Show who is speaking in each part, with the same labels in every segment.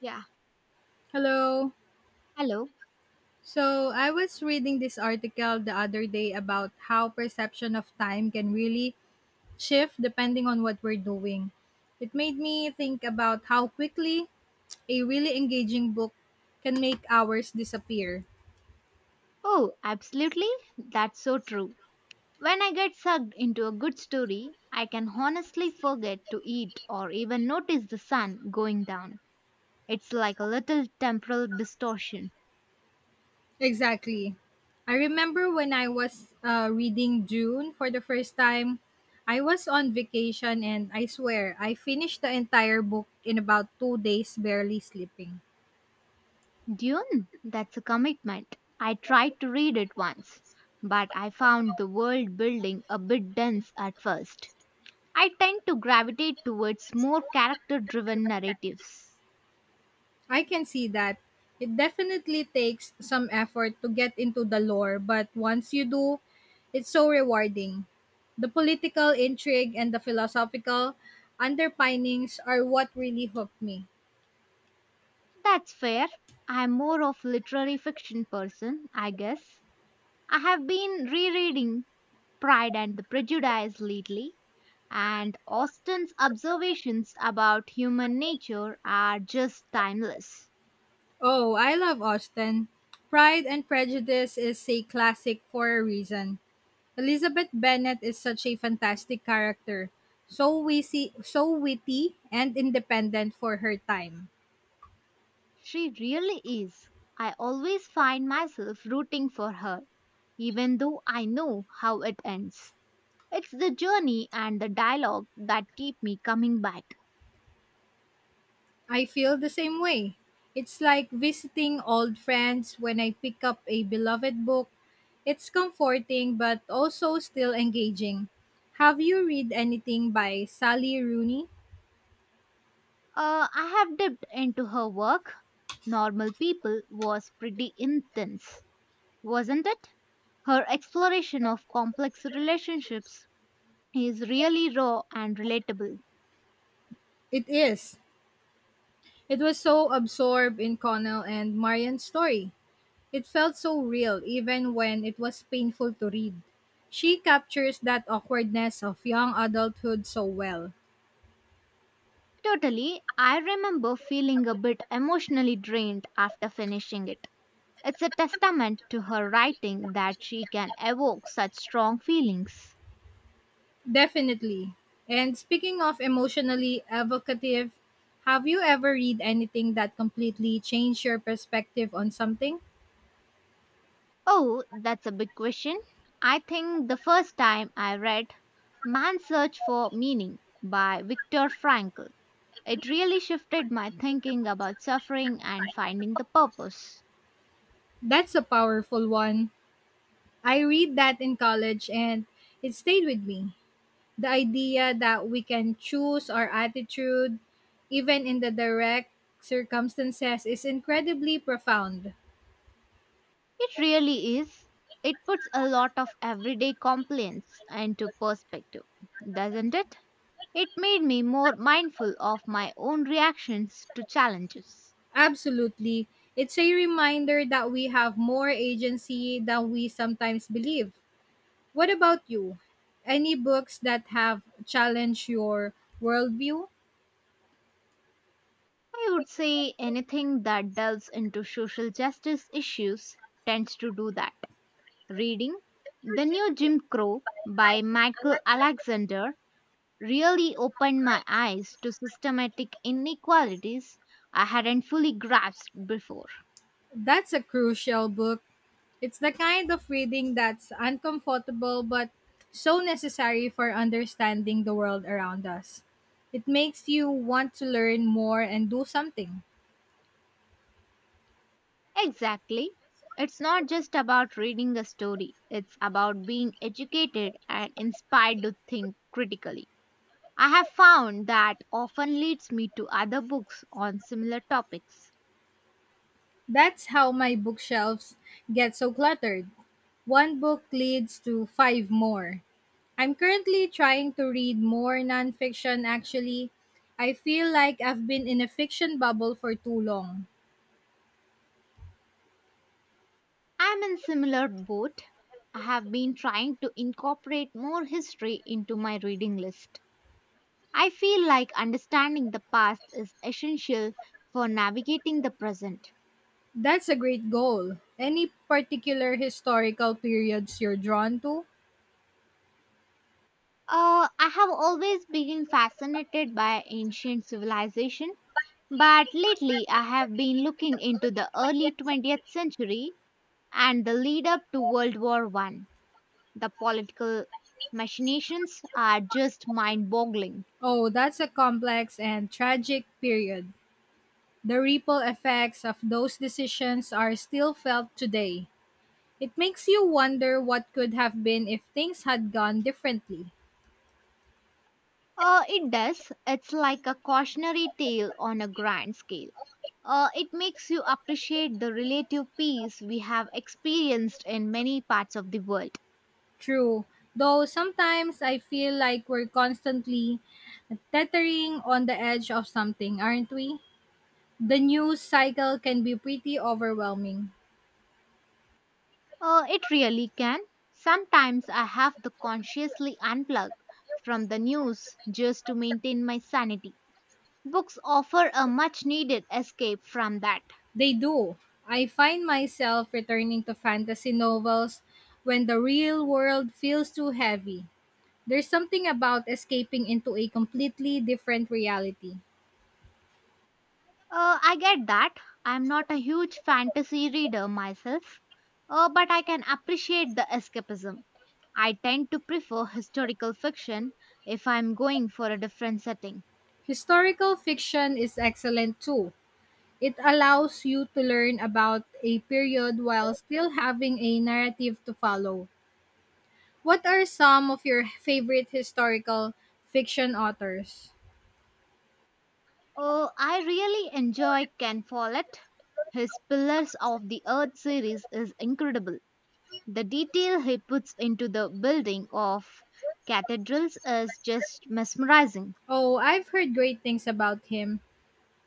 Speaker 1: Yeah.
Speaker 2: Hello.
Speaker 1: Hello.
Speaker 2: So, I was reading this article the other day about how perception of time can really shift depending on what we're doing. It made me think about how quickly a really engaging book can make hours disappear.
Speaker 1: Oh, absolutely. That's so true. When I get sucked into a good story, I can honestly forget to eat or even notice the sun going down. It's like a little temporal distortion.
Speaker 2: Exactly. I remember when I was reading June for the first time, I was on vacation and I swear I finished the entire book in about 2 days barely sleeping.
Speaker 1: Dune? That's a commitment. I tried to read it once, but I found the world building a bit dense at first. I tend to gravitate towards more character driven narratives.
Speaker 2: I can see that. It definitely takes some effort to get into the lore, but once you do, it's so rewarding. The political intrigue and the philosophical underpinnings are what really hooked me.
Speaker 1: That's fair. I'm more of literary fiction person, I guess. I have been rereading Pride and the Prejudice lately, and Austen's observations about human nature are just timeless.
Speaker 2: Oh, I love Austen. Pride and Prejudice is a classic for a reason. Elizabeth Bennet is such a fantastic character, so witty and independent for her time.
Speaker 1: She really is. I always find myself rooting for her, even though I know how it ends. It's the journey and the dialogue that keep me coming back.
Speaker 2: I feel the same way. It's like visiting old friends when I pick up a beloved book. It's comforting but also still engaging. Have you read anything by Sally Rooney?
Speaker 1: I have dipped into her work. Normal People was pretty intense, wasn't it? Her exploration of complex relationships is really raw and relatable.
Speaker 2: It is. It was so absorbed in Connell and Marian's story. It felt so real even when it was painful to read. She captures that awkwardness of young adulthood so well.
Speaker 1: Totally, I remember feeling a bit emotionally drained after finishing it. It's a testament to her writing that she can evoke such strong feelings.
Speaker 2: Definitely. And speaking of emotionally evocative, have you ever read anything that completely changed your perspective on something?
Speaker 1: Oh, that's a big question. I think the first time I read Man's Search for Meaning by Viktor Frankl, it really shifted my thinking about suffering and finding the purpose.
Speaker 2: That's a powerful one. I read that in college and it stayed with me. The idea that we can choose our attitude, even in the direct circumstances, is incredibly profound.
Speaker 1: It really is. It puts a lot of everyday complaints into perspective, doesn't it? It made me more mindful of my own reactions to challenges.
Speaker 2: Absolutely. It's a reminder that we have more agency than we sometimes believe. What about you? Any books that have challenged your worldview?
Speaker 1: I would say anything that delves into social justice issues tends to do that. Reading The New Jim Crow by Michael Alexander really opened my eyes to systematic inequalities I hadn't fully grasped before.
Speaker 2: That's a crucial book. It's the kind of reading that's uncomfortable but so necessary for understanding the world around us. It makes you want to learn more and do something.
Speaker 1: Exactly. It's not just about reading a story, it's about being educated and inspired to think critically. I have found that often leads me to other books on similar topics.
Speaker 2: That's how my bookshelves get so cluttered. One book leads to five more. I'm currently trying to read more nonfiction, actually. I feel like I've been in a fiction bubble for too long.
Speaker 1: I'm in similar boat. I have been trying to incorporate more history into my reading list. I feel like understanding the past is essential for navigating the present.
Speaker 2: That's a great goal. Any particular historical periods you're drawn to?
Speaker 1: I have always been fascinated by ancient civilization, but lately I have been looking into the early 20th century and the lead up to World War One. The political machinations are just mind boggling.
Speaker 2: Oh, that's a complex and tragic period. The ripple effects of those decisions are still felt today. It makes you wonder what could have been if things had gone differently.
Speaker 1: It does. It's like a cautionary tale on a grand scale. It makes you appreciate the relative peace we have experienced in many parts of the world.
Speaker 2: True. Though sometimes I feel like we're constantly tethering on the edge of something, aren't we? The news cycle can be pretty overwhelming.
Speaker 1: It really can. Sometimes I have to consciously unplug from the news just to maintain my sanity. Books offer a much needed escape from that.
Speaker 2: They do. I find myself returning to fantasy novels when the real world feels too heavy. There's something about escaping into a completely different reality.
Speaker 1: I get that. I'm not a huge fantasy reader myself, but I can appreciate the escapism. I tend to prefer historical fiction if I'm going for a different setting.
Speaker 2: Historical fiction is excellent too. It allows you to learn about a period while still having a narrative to follow. What are some of your favorite historical fiction authors?
Speaker 1: Oh, I really enjoy Ken Follett. His Pillars of the Earth series is incredible. The detail he puts into the building of cathedrals is just mesmerizing.
Speaker 2: Oh, I've heard great things about him.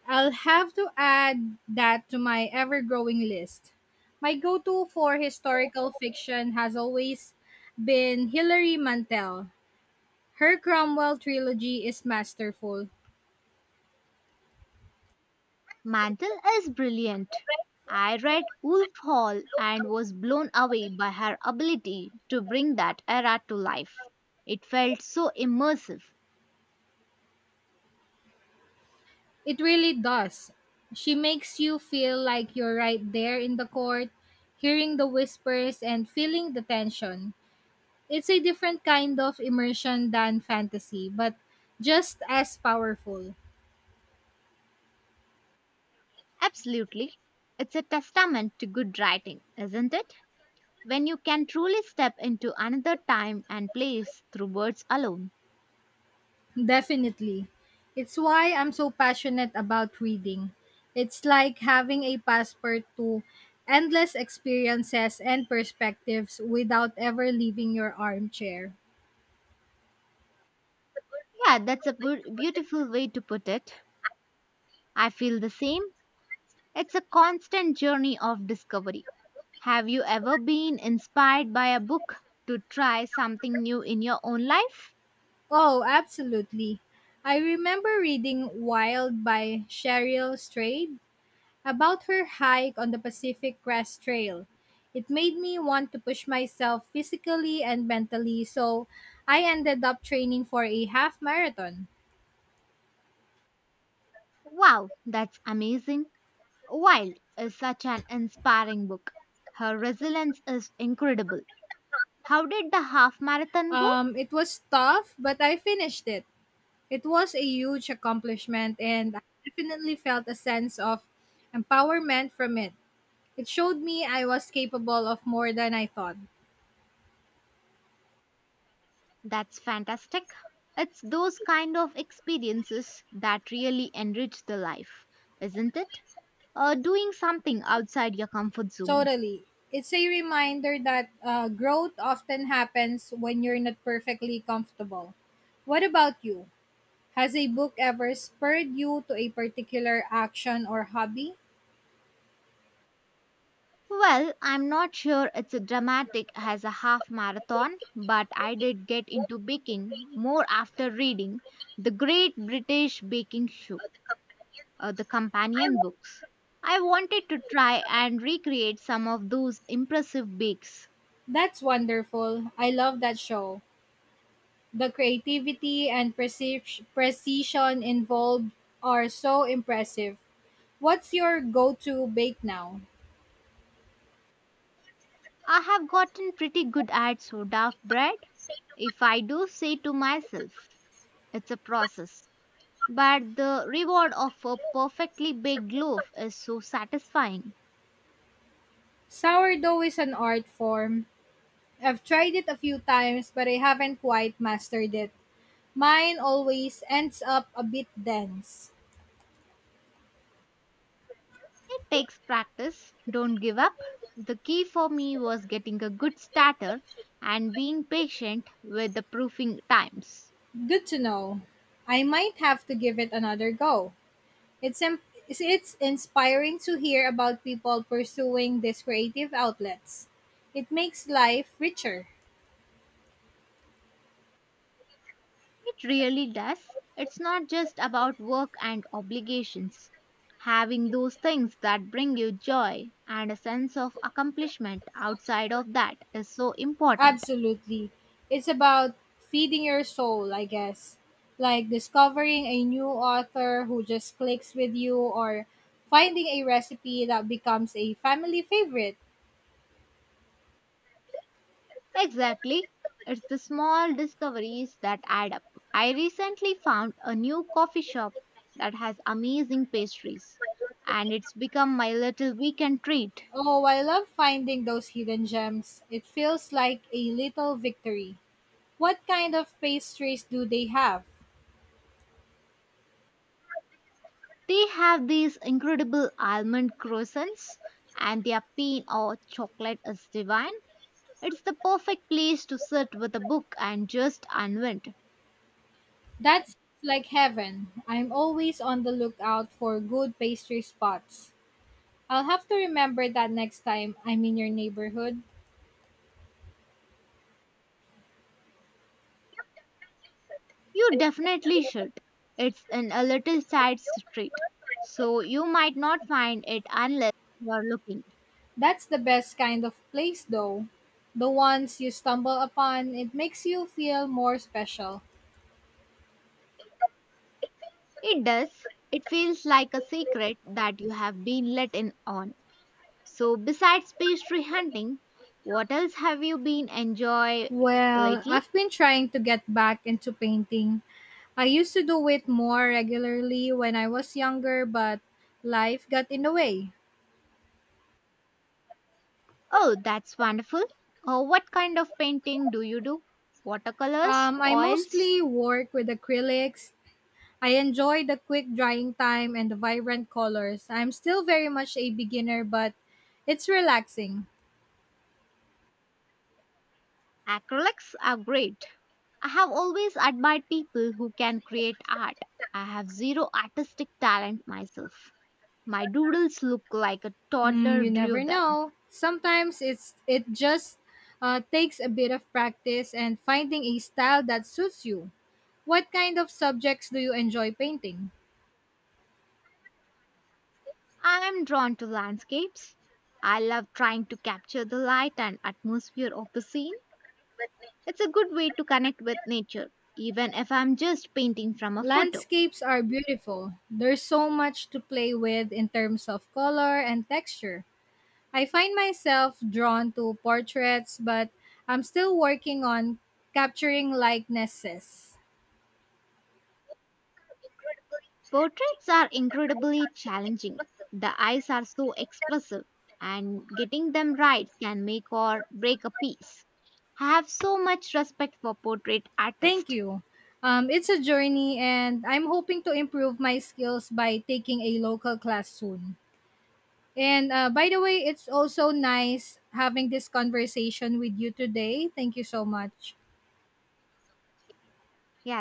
Speaker 2: I'll have to add that to my ever growing list. My go to for historical fiction has always been Hilary Mantel. Her Cromwell trilogy is masterful.
Speaker 1: Mantle is brilliant. I read Wolf Hall and was blown away by her ability to bring that era to life. It felt so immersive.
Speaker 2: It really does. She makes you feel like you're right there in the court, hearing the whispers and feeling the tension. It's a different kind of immersion than fantasy, but just as powerful.
Speaker 1: Absolutely. It's a testament to good writing, isn't it? When you can truly step into another time and place through words alone.
Speaker 2: Definitely. It's why I'm so passionate about reading. It's like having a passport to endless experiences and perspectives without ever leaving your armchair.
Speaker 1: Yeah, that's a beautiful way to put it. I feel the same. It's a constant journey of discovery. Have you ever been inspired by a book to try something new in your own life?
Speaker 2: Oh, absolutely. I remember reading Wild by Cheryl Strayed about her hike on the Pacific Crest Trail. It made me want to push myself physically and mentally, so I ended up training for a half marathon.
Speaker 1: Wow, that's amazing. Wild is such an inspiring book. Her resilience is incredible. How did the half marathon go?
Speaker 2: It was tough, but I finished it. It was a huge accomplishment, and I definitely felt a sense of empowerment from it. It showed me I was capable of more than I thought.
Speaker 1: That's fantastic. It's those kind of experiences that really enrich the life, isn't it? Doing something outside your comfort zone.
Speaker 2: Totally. It's a reminder that growth often happens when you're not perfectly comfortable. What about you? Has a book ever spurred you to a particular action or hobby?
Speaker 1: Well, I'm not sure it's a dramatic as a half marathon, but I did get into baking more after reading The Great British Baking Show, the companion books. I wanted to try and recreate some of those impressive bakes.
Speaker 2: That's wonderful. I love that show. The creativity and precision involved are so impressive. What's your go to bake now?
Speaker 1: I have gotten pretty good at sourdough bread, if I do say to myself. It's a process. But the reward of a perfectly baked loaf is so satisfying.
Speaker 2: Sourdough is an art form. I've tried it a few times, but I haven't quite mastered it. Mine always ends up a bit dense.
Speaker 1: It takes practice. Don't give up. The key for me was getting a good starter and being patient with the proofing times.
Speaker 2: Good to know. I might have to give it another go. It's im- it's inspiring to hear about people pursuing these creative outlets. It makes life richer.
Speaker 1: It really does. It's not just about work and obligations. Having those things that bring you joy and a sense of accomplishment outside of that is so important.
Speaker 2: Absolutely. It's about feeding your soul, I guess. Like discovering a new author who just clicks with you or finding a recipe that becomes a family favorite.
Speaker 1: Exactly. It's the small discoveries that add up. I recently found a new coffee shop that has amazing pastries, and it's become my little weekend treat.
Speaker 2: Oh, I love finding those hidden gems. It feels like a little victory. What kind of pastries do they have?
Speaker 1: They have these incredible almond croissants, and their pain or chocolate is divine. It's the perfect place to sit with a book and just unwind.
Speaker 2: That's like heaven. I'm always on the lookout for good pastry spots. I'll have to remember that next time I'm in your neighborhood.
Speaker 1: You definitely should. It's in a little side street, so you might not find it unless you are looking.
Speaker 2: That's the best kind of place, though. The ones you stumble upon, it makes you feel more special.
Speaker 1: It does. It feels like a secret that you have been let in on. So, besides pastry hunting, what else have you been enjoy
Speaker 2: Well,
Speaker 1: lately?
Speaker 2: I've been trying to get back into painting. I used to do it more regularly when I was younger, but life got in the way.
Speaker 1: Oh, that's wonderful. What kind of painting do you do? Watercolors,
Speaker 2: I
Speaker 1: oils,
Speaker 2: mostly work with acrylics. I enjoy the quick drying time and the vibrant colors. I'm still very much a beginner, but it's relaxing.
Speaker 1: acrylics are great. I have always admired people who can create art. I have zero artistic talent myself. My doodles look like a
Speaker 2: Hmm,
Speaker 1: toddler
Speaker 2: you
Speaker 1: drew
Speaker 2: never
Speaker 1: them.
Speaker 2: know. Sometimes it just takes a bit of practice and finding a style that suits you. What kind of subjects do you enjoy painting?
Speaker 1: I'm drawn to landscapes. I love trying to capture the light and atmosphere of the scene. It's a good way to connect with nature, even if I'm just painting from a photo.
Speaker 2: Landscapes are beautiful. There's so much to play with in terms of color and texture. I find myself drawn to portraits, but I'm still working on capturing likenesses.
Speaker 1: Portraits are incredibly challenging. The eyes are so expressive, and getting them right can make or break a piece. I have so much respect for portrait
Speaker 2: Thank
Speaker 1: artists.
Speaker 2: you. It's a journey, and I'm hoping to improve my skills by taking a local class soon. And by the way, it's also nice having this conversation with you today. Thank you so much.
Speaker 1: Yeah,